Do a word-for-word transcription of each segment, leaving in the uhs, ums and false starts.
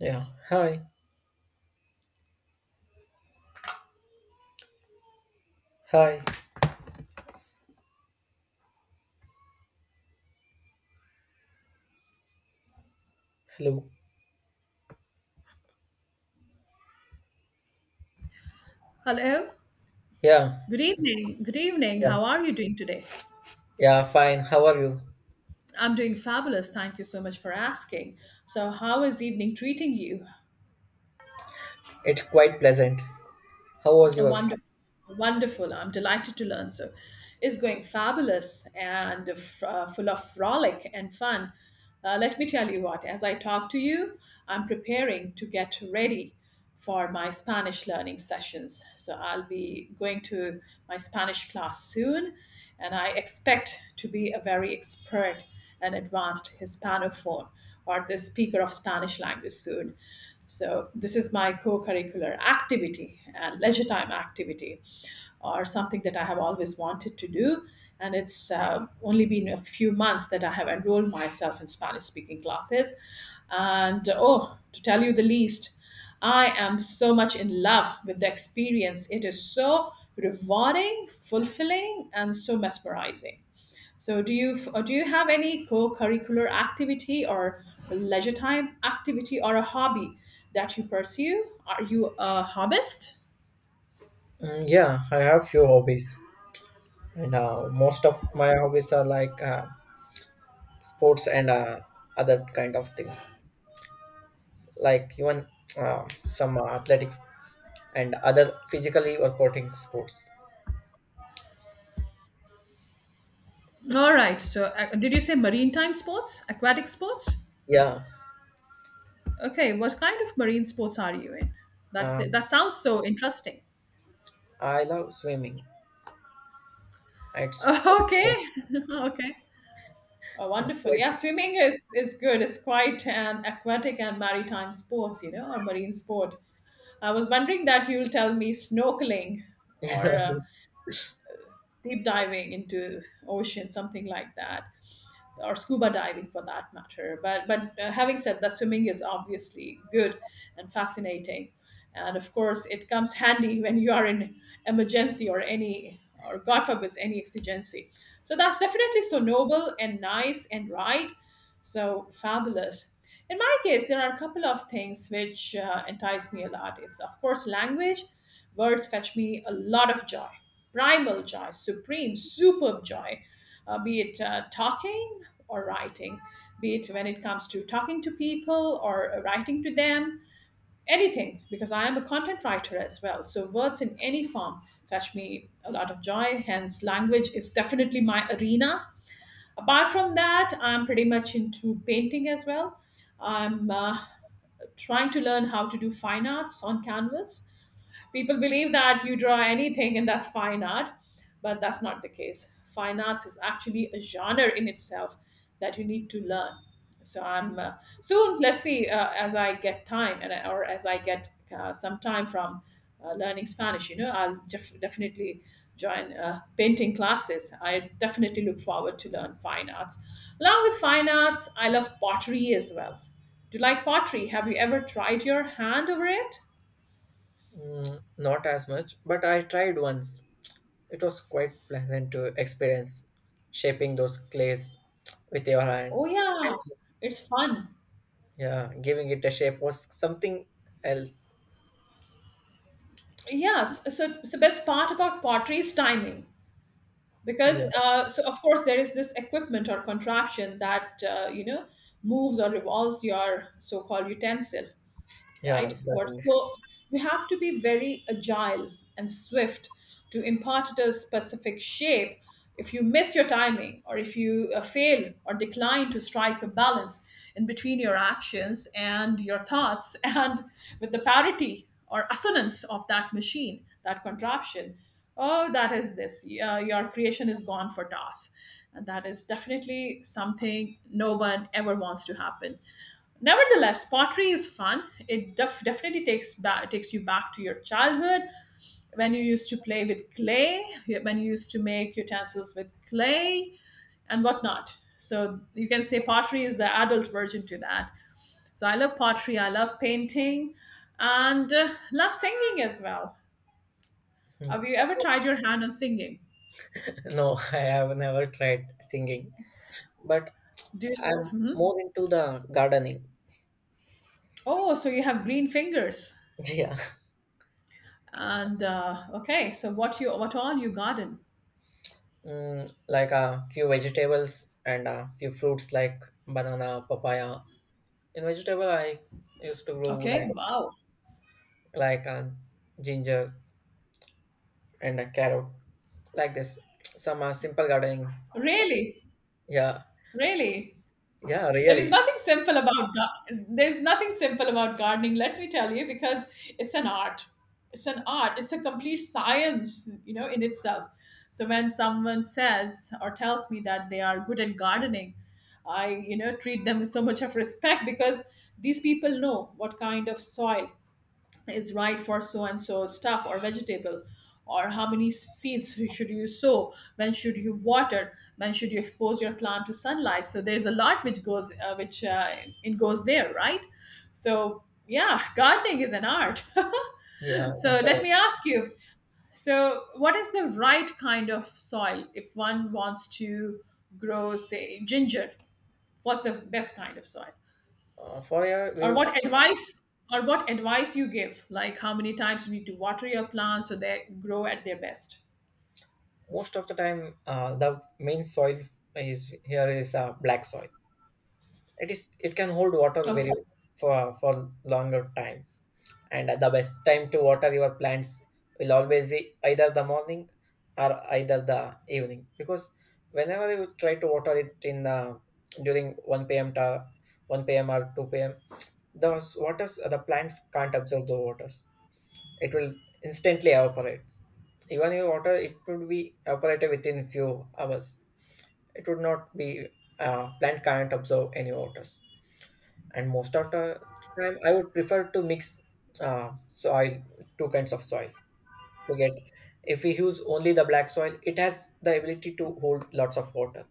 Yeah. Hi. Hi. Hello. Hello. Yeah. Good evening. Good evening. Yeah. How are you doing today? Yeah. Fine. How are you? I'm doing fabulous. Thank you so much for asking. So, how is evening treating you? It's quite pleasant. How was yours? Wonderful. Wonderful. I'm delighted to learn. So, it's going fabulous and f- uh, full of frolic and fun. Uh, let me tell you what, as I talk to you, I'm preparing to get ready for my Spanish learning sessions. So I'll be going to my Spanish class soon, and I expect to be a very expert an advanced Hispanophone or the speaker of Spanish language soon. So this is my co-curricular activity and leisure time activity or something that I have always wanted to do. And it's uh, only been a few months that I have enrolled myself in Spanish speaking classes. And oh, to tell you the least, I am so much in love with the experience. It is so rewarding, fulfilling, and so mesmerizing. So, do you f- do you have any co-curricular activity or leisure time activity or a hobby that you pursue? Are you a hobbyist? Mm, yeah. I have few hobbies, and uh, most of my hobbies are like uh, sports and uh, other kind of things, like even uh, some uh, athletics and other physically working sports. All right. So, uh, did you say maritime sports, aquatic sports? Yeah. Okay. What kind of marine sports are you in? That's it. That Um, sounds so interesting. I love swimming. It's Okay. Okay. Oh, it's wonderful. quite. Yeah, swimming is, is good. It's quite an aquatic and maritime sports, you know, or marine sport. I was wondering that you'll tell me snorkeling or uh, deep diving into ocean, something like that, or scuba diving for that matter. But but uh, having said that, swimming is obviously good and fascinating, and of course it comes handy when you are in emergency or any or God forbid any exigency. So that's definitely so noble and nice and right so fabulous. In my case, there are a couple of things which uh, entice me a lot. It's, of course, language. Words fetch me a lot of joy, primal joy, supreme, superb joy, uh, be it uh, talking or writing, be it when it comes to talking to people or uh, writing to them, anything, because I am a content writer as well. So words in any form fetch me a lot of joy. Hence, language is definitely my arena. Apart from that, I'm pretty much into painting as well. I'm uh, trying to learn how to do fine arts on canvas. People believe that you draw anything and that's fine art, but that's not the case. Fine arts is actually a genre in itself that you need to learn. So I'm uh, soon. Let's see uh, as I get time and I- or as I get uh, some time from uh, learning Spanish. You know, I'll def- definitely join uh, painting classes. I definitely look forward to learn fine arts. Along with fine arts, I love pottery as well. Do you like pottery? Have you ever tried your hand over it? Mm, not as much, but I tried once. It was quite pleasant to experience shaping those clays with your hand, Oh yeah, and it's fun. yeah, giving it a shape was something else. Yes, so so best part about pottery is timing Yeah, because uh, so of course there is this equipment or contraption that uh, you know moves or revolves your so-called utensil, yeah, right? But the so we have to be very agile and swift to impart it a specific shape. If you miss your timing, or if you uh, fail or decline to strike a balance in between your actions and your thoughts, and with the parity or assonance of that machine, that contraption, oh, that is this. Uh, your creation is gone for toss. And that is definitely something no one ever wants to happen. Nevertheless, pottery is fun. It def- definitely takes back takes you back to your childhood when you used to play with clay, when you used to make utensils with clay, and whatnot. So you can say pottery is the adult version to that. So I love pottery. I love painting, and uh, love singing as well. Have singing. you ever tried your hand on singing? Yeah. No, I have never tried singing, but Do you- I'm Mhm. more into the gardening. Oh, so you have green fingers. Yeah, And uh, okay, so what you what all you garden? mm, like a few vegetables and a few fruits like banana, papaya. In vegetable, I used to grow like Okay, wow. like a ginger and a carrot. Like this some uh, simple gardening. Really, Yeah, really. yeah, There is really. nothing simple about gar- there is nothing simple about gardening. Let me tell you, because it's an art. It's an art. It's a complete science, you know, in itself. So when someone says or tells me that they are good at gardening, I, you know, treat them with so much of respect because these people know what kind of soil is right for so and so stuff or vegetable or how many s- seeds should you sow, when should you water, when should you expose your plant to sunlight. So there's a lot which goes uh, which uh, it goes there, right? So yeah, gardening is an art. Yeah, I So find let it. me ask you, so what is the right kind of soil if one wants to grow say ginger, what's the best kind of soil uh, For here or we, what advice or what advice you give, like how many times you need to water your plants so they grow at their best. most of the time, uh, the main soil is here is uh, black soil. It is it can hold water Okay, very for for longer times. And the best time to water your plants will always be either the morning or either the evening, because whenever you try to water it in the during one p m to one p m or two p m, those waters, the plants can't absorb the waters. It will instantly evaporate. Even if water it would be evaporated within few hours, it would not be uh, plant can't absorb any waters. And most of the time I would prefer to mix uh, soil two kinds of soil to get. If we use only the black soil, it has the ability to hold lots of water,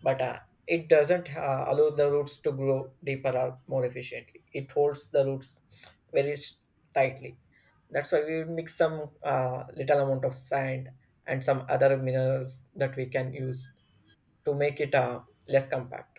but uh, it doesn't uh, allow the roots to grow deeper or more efficiently. It holds the roots very s- tightly. That's why we mix some uh, little amount of sand and some other minerals that we can use to make it uh, less compact.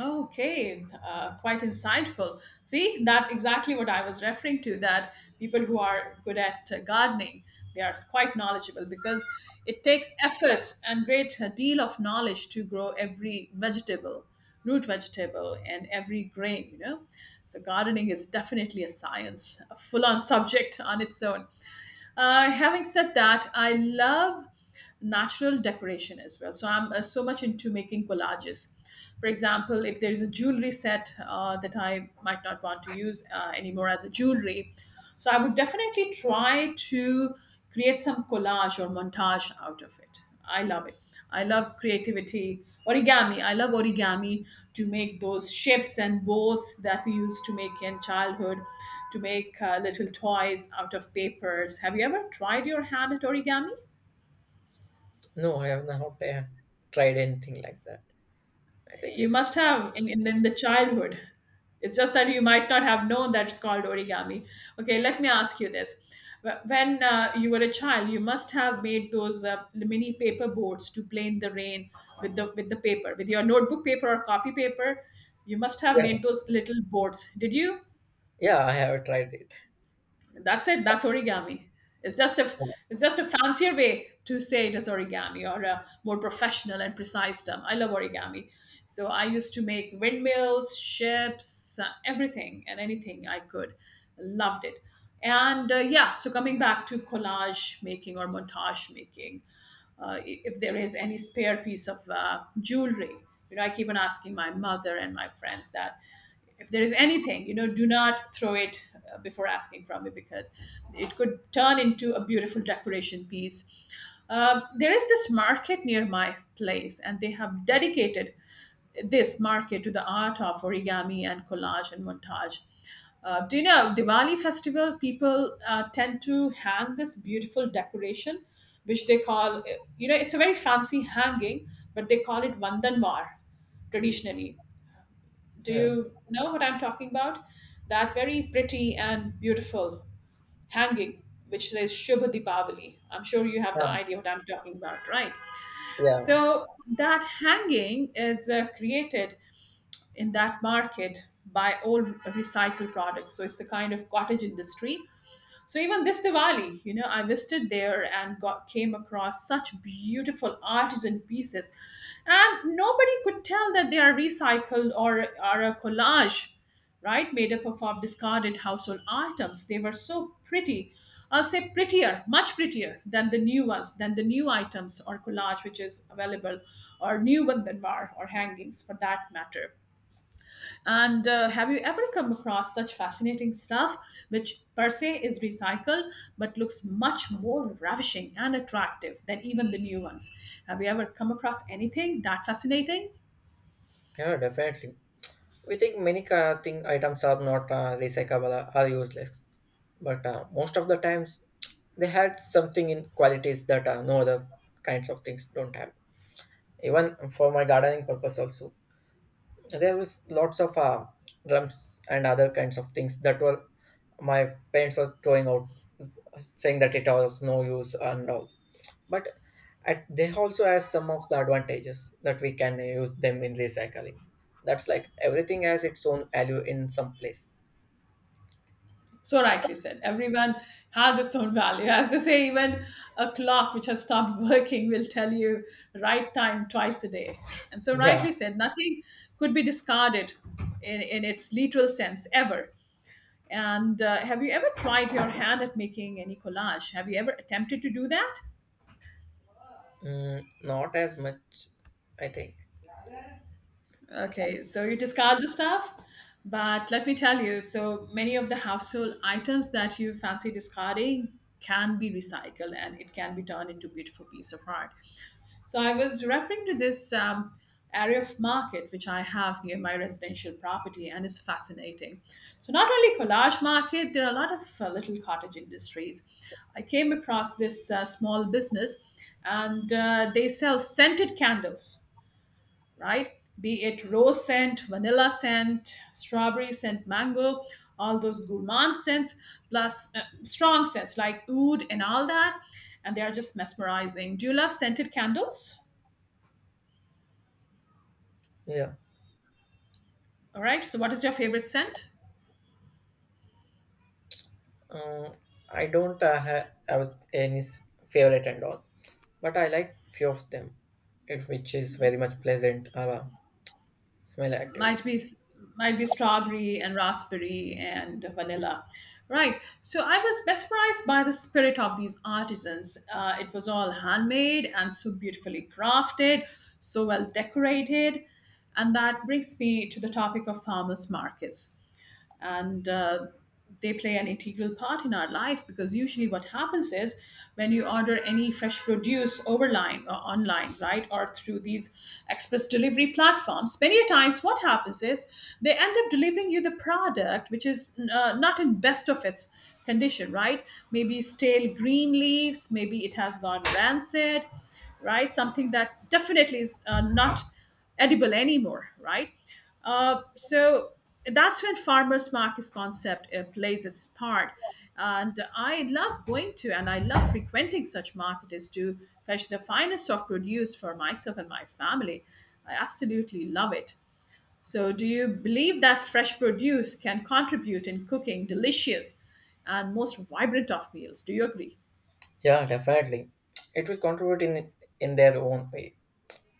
okay, uh, quite insightful. See that exactly what I was referring to, that people who are good at uh, gardening, they are quite knowledgeable because it takes efforts and great uh, deal of knowledge to grow every vegetable, root vegetable, and every grain, you know. So gardening is definitely a science, a full on subject on its own. Uh, having said that, I love natural decoration as well. So I'm uh, so much into making collages. For example, if there is a jewelry set uh, that I might not want to use uh, anymore as a jewelry, so I would definitely try to create some collage or montage out of it. I love it. I love creativity. Origami. I love origami to make those ships and boats that we used to make in childhood, to make uh, little toys out of papers. Have you ever tried your hand at origami? No, I have not uh, tried anything like that. I think You it's. must have in, in, in the childhood. It's just that you might not have known that it's called origami. Okay, let me ask you this. Wh- When uh, you were a child, you must have made those uh, mini paper boards to play in the rain with the with the paper, with your notebook paper or copy paper. You must have made Yeah, those little boards. Did you? yeah, I have tried it. That's it. That's origami. It's just a it's just a fancier way to say it is origami or a more professional and precise term. I love origami. So I used to make windmills, ships, uh, everything and anything I could. Loved it. And uh, yeah, so coming back to collage making or montage making, uh, i- if there is any spare piece of uh, jewelry, you know, I keep on asking my mother and my friends that if there is anything, you know, do not throw it uh, before asking from me because it could turn into a beautiful decoration piece. Um, there is this market near my place, and they have dedicated this market to the art of origami and collage and montage. Uh, do you know Diwali festival? People uh, tend to hang this beautiful decoration, which they call uh, you know it's a very fancy hanging, but they call it vandanvar traditionally. Do Yeah, you know what I'm talking about? That very pretty and beautiful hanging which says Shubha Deepavali. I'm sure you have the yeah, idea what I'm talking about, right? yeah, So that hanging is uh, created in that market by old recycled products. So it's a kind of cottage industry. So even this Diwali, you know, I visited there and got came across such beautiful artisan pieces, and nobody could tell that they are recycled or are a collage, right? Made up of, of discarded household items. They were so pretty. I'll say prettier, much prettier than the new ones, than the new items or collage which is available, or new Vandanvar or hangings for that matter. And uh, have you ever come across such fascinating stuff which per se is recycled but looks much more ravishing and attractive than even the new ones? Have you ever come across anything that fascinating? yeah, definitely. We think many uh, thing items are not uh, recyclable or useless, but uh, most of the times they had something in qualities that uh, no other kinds of things don't have. Even for my gardening purpose also, there was lots of uh, drums and other kinds of things that were my parents were throwing out, saying that it was no use and all. But at, they also has some of the advantages that we can use them in recycling. That's like everything has its own value in some place. So rightly said, everyone has its own value. As they say, even a clock which has stopped working will tell you right time twice a day. And so Yeah. rightly said, nothing could be discarded in, in its literal sense ever. And uh, have you ever tried your hand at making any collage? Have you ever attempted to do that? Mm, not as much, I think. Okay, so you discard the stuff. But let me tell you, so many of the household items that you fancy discarding can be recycled and it can be turned into beautiful piece of art. So I was referring to this um, area of market which I have near my residential property, and it's fascinating. So not only collage market, there are a lot of uh, little cottage industries. I came across this uh, small business, and uh, they sell scented candles, right? Be it rose scent, vanilla scent, strawberry scent, mango, all those gourmand scents, plus uh, strong scents like oud and all that. And they are just mesmerizing. Do you love scented candles? Yeah. All right. So, what is your favorite scent? Uh, I don't uh, ha- have any s- favorite and all, but I like few of them, it, which is very much pleasant uh, smell actively. Might be might be strawberry and raspberry and vanilla. Right. So, I was mesmerized by the spirit of these artisans. Uh, it was all handmade and so beautifully crafted, so well decorated, and that brings me to the topic of farmers markets. And uh, they play an integral part in our life, because usually what happens is when you order any fresh produce overline or online, right, or through these express delivery platforms, many a times what happens is they end up delivering you the product which is uh, not in best of its condition, right? Maybe stale green leaves, maybe it has gone rancid, right, something that definitely is uh, not edible anymore, right? Uh, so that's when farmers markets concept uh, plays its part. And I love going to and I love frequenting such markets to fetch the finest of produce for myself and my family. I absolutely love it. So, do you believe that fresh produce can contribute in cooking delicious and most vibrant of meals? Do you agree? Yeah, definitely. It will contribute in in their own way.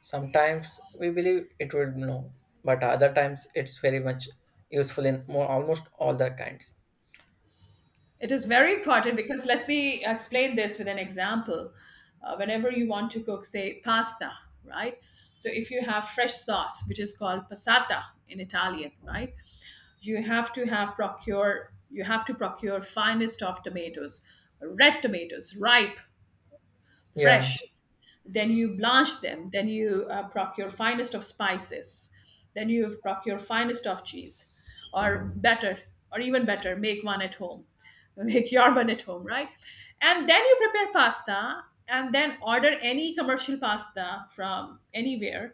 Sometimes we believe it will no, but other times it's very much useful in more almost all the kinds. It is very important because let me explain this with an example. Uh, whenever you want to cook, say, pasta, right? So if you have fresh sauce, which is called passata in Italian, right? You have to have procure you have to procure finest of tomatoes, red tomatoes, ripe, Yeah, fresh, then you blanch them, then you uh, procure finest of spices, then you procure finest of cheese, or better, or even better, make one at home, make your one at home, right? And then you prepare pasta and then order any commercial pasta from anywhere,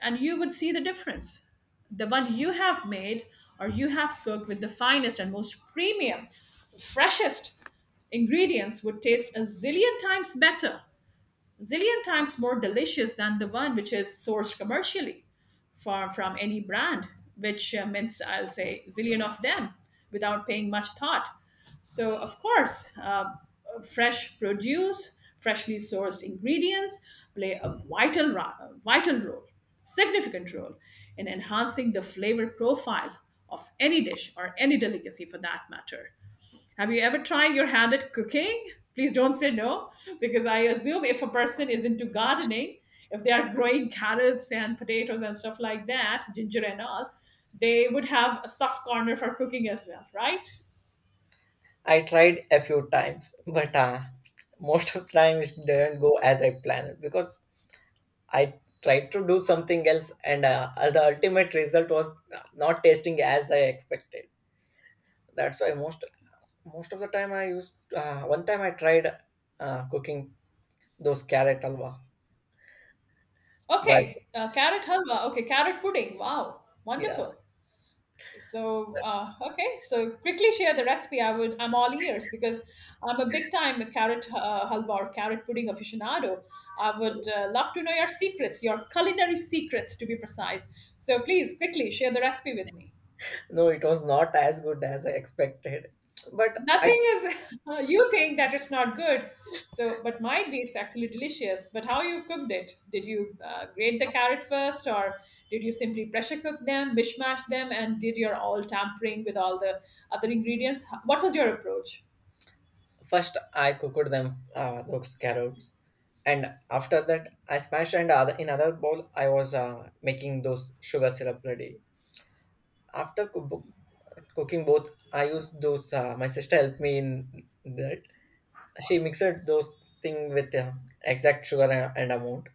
and you would see the difference. The one you have made or you have cooked with the finest and most premium, freshest ingredients would taste a zillion times better, zillion times more delicious than the one which is sourced commercially from, from any brand, which uh, means I'll say zillion of them without paying much thought. So, of course, uh, fresh produce, freshly sourced ingredients play a vital, ro- vital role, significant role in enhancing the flavor profile of any dish or any delicacy for that matter. Have you ever tried your hand at cooking? Please don't say no, because I assume if a person is into gardening, if they are growing carrots and potatoes and stuff like that, ginger and all, they would have a soft corner for cooking as well, right? I tried a few times, but uh, most of the time it didn't go as I planned, because I tried to do something else, and uh, the ultimate result was not tasting as I expected. That's why most most of the time I used. Uh, one time I tried uh, cooking those carrot halwa, but Okay, uh, carrot halwa. Okay, carrot pudding. Wow, yeah, wonderful. So uh, okay, so quickly share the recipe. i would I'm all ears, because I'm a big time carrot uh, halwa or carrot pudding aficionado. I would uh, love to know your secrets, your culinary secrets, to be precise. So please quickly share the recipe with me. no, it was not as good as I expected. But I Nothing is you think that it's not good, so but might be it's actually delicious. But how you cooked it? Did you uh, grate the carrot first, or did you simply pressure cook them, mishmash them, and did your all tampering with all the other ingredients? What was your approach? first I cooked them, uh, those carrots, and after that I smashed, and other in other bowl I was uh, making those sugar syrup ready. After cookbook, cooking both, I use those. Uh, my sister helped me in that. She mixed those thing with uh, exact sugar and, and amount.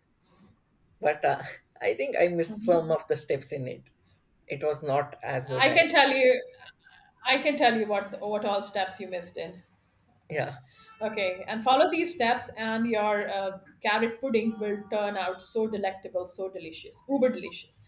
But uh, I think I missed some of the steps in it. It was not as good i as. can tell you i can tell you what what all steps you missed in. Yeah, Okay, and follow these steps, and your uh, carrot pudding will turn out so delectable, so delicious, uber delicious.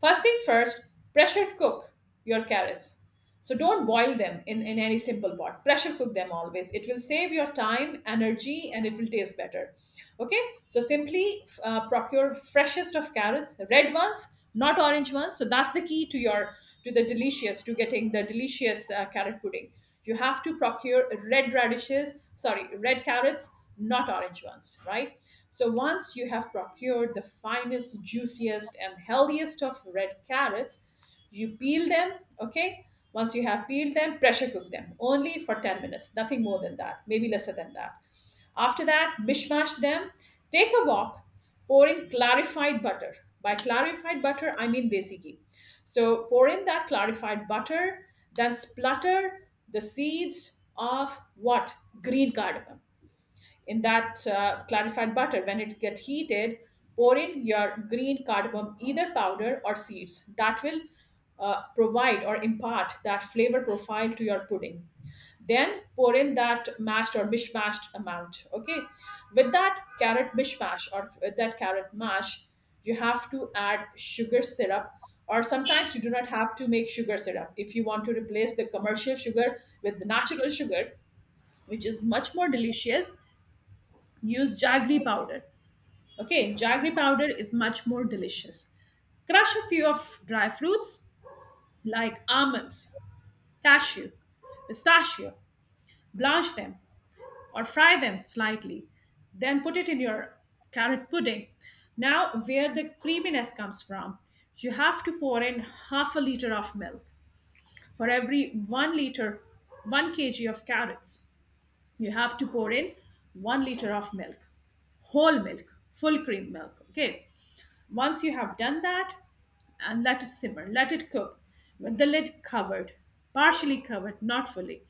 First thing first, pressure cook your carrots. So don't boil them in, in any simple pot. Pressure cook them always. It will save your time, energy, and it will taste better. Okay, so simply uh, procure freshest of carrots, red ones, not orange ones. So that's the key to your, to the delicious to getting the delicious uh, carrot pudding. You have to procure red radishes, sorry, red carrots, not orange ones, right? So once you have procured the finest, juiciest, and healthiest of red carrots, you peel them, okay? Once you have peeled them, pressure cook them only for ten minutes, nothing more than that, maybe lesser than that. After that, mishmash them. Take a wok, pour in clarified butter. By clarified butter, I mean desi ghee. So pour in that clarified butter, then splutter the seeds of what? Green cardamom in that uh, clarified butter. When it gets heated, pour in your green cardamom, either powder or seeds. That will uh, provide or impart that flavor profile to your pudding. Then pour in that mashed or mishmashed amount, okay? With that carrot mishmash, or with that carrot mash, you have to add sugar syrup, or sometimes you do not have to make sugar syrup if you want to replace the commercial sugar with the natural sugar, which is much more delicious. Use jaggery powder. Okay, jaggery powder is much more delicious. Crush a few of dry fruits like almonds, cashew, pistachio, blanch them or fry them slightly. Then put it in your carrot pudding. Now, where the creaminess comes from, you have to pour in half a liter of milk for every one liter, one kilogram of carrots. You have to pour in one liter of milk, whole milk, full cream milk, okay? Once you have done that, and let it simmer, let it cook with the lid covered, partially covered, not fully.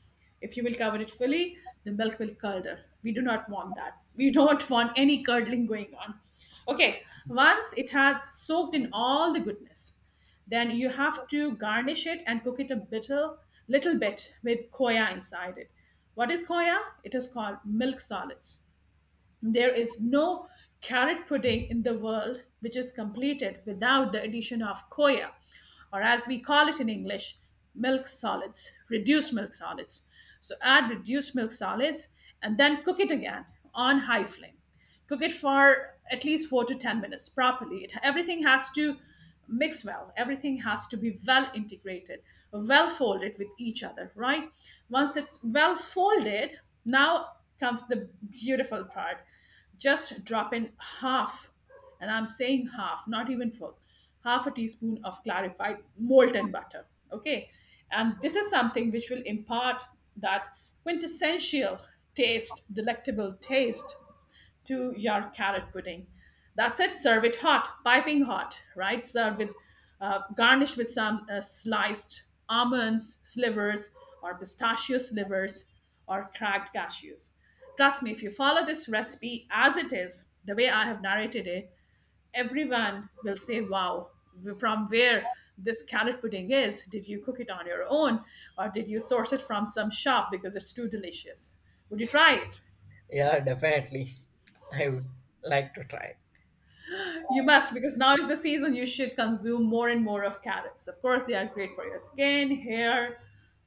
If you will cover it fully, the milk will curdle. We do not want that. We don't want any curdling going on. Okay, once it has soaked in all the goodness, then you have to garnish it and cook it a little, little bit with koya inside it. What is koya? It is called milk solids. There is no carrot pudding in the world which is completed without the addition of coya, or as we call it in English, milk solids, reduced milk solids. So add reduced milk solids and then cook it again on high flame. Cook it for at least four to ten minutes properly. It, everything has to mix well, everything has to be well integrated, well folded with each other, right? Once it's well folded, now comes the beautiful part. Just drop in half, and I'm saying half, not even full, half a teaspoon of clarified molten butter, okay? And this is something which will impart that quintessential taste, delectable taste, to your carrot pudding. That's it. Serve it hot, piping hot, right? Serve with uh, garnished with some uh, sliced almonds, slivers, or pistachio slivers, or cracked cashews. Trust me, if you follow this recipe as it is, the way I have narrated it, everyone will say, "Wow, from where this carrot pudding is. Did you cook it on your own, or did you source it from some shop, because it's too delicious?" Would you try it? yeah, definitely. I would like to try. You must, because now is the season you should consume more and more of carrots. Of course, they are great for your skin, hair,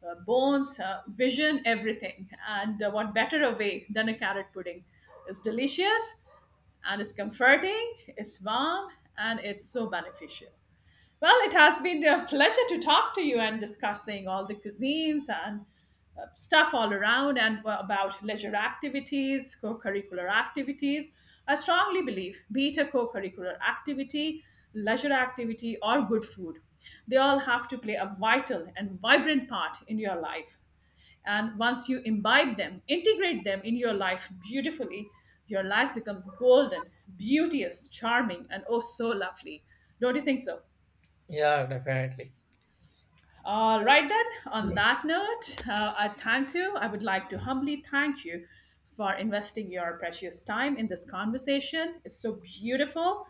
uh, bones, uh, vision, everything. And uh, what better a way than a carrot pudding? It's delicious and it's comforting, it's warm, and it's so beneficial. Well, it has been a pleasure to talk to you and discussing all the cuisines and uh, stuff all around, and uh, about leisure activities, co curricular activities. I strongly believe, be it a co curricular activity, leisure activity, or good food, they all have to play a vital and vibrant part in your life. And once you imbibe them, integrate them in your life beautifully, your life becomes golden, beauteous, charming, and oh so lovely. Don't you think so? Yeah, definitely. All right, then, on that note, uh, I thank you. I would like to humbly thank you for investing your precious time in this conversation. It's so beautiful.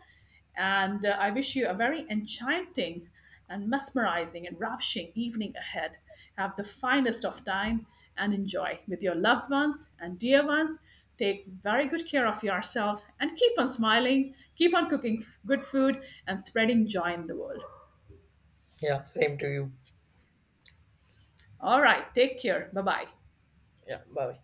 And uh, I wish you a very enchanting and mesmerizing and ravishing evening ahead. Have the finest of time and enjoy with your loved ones and dear ones. Take very good care of yourself and keep on smiling, keep on cooking f- good food, and spreading joy in the world. Yeah, same to you. All right, take care. Bye bye. Yeah, bye.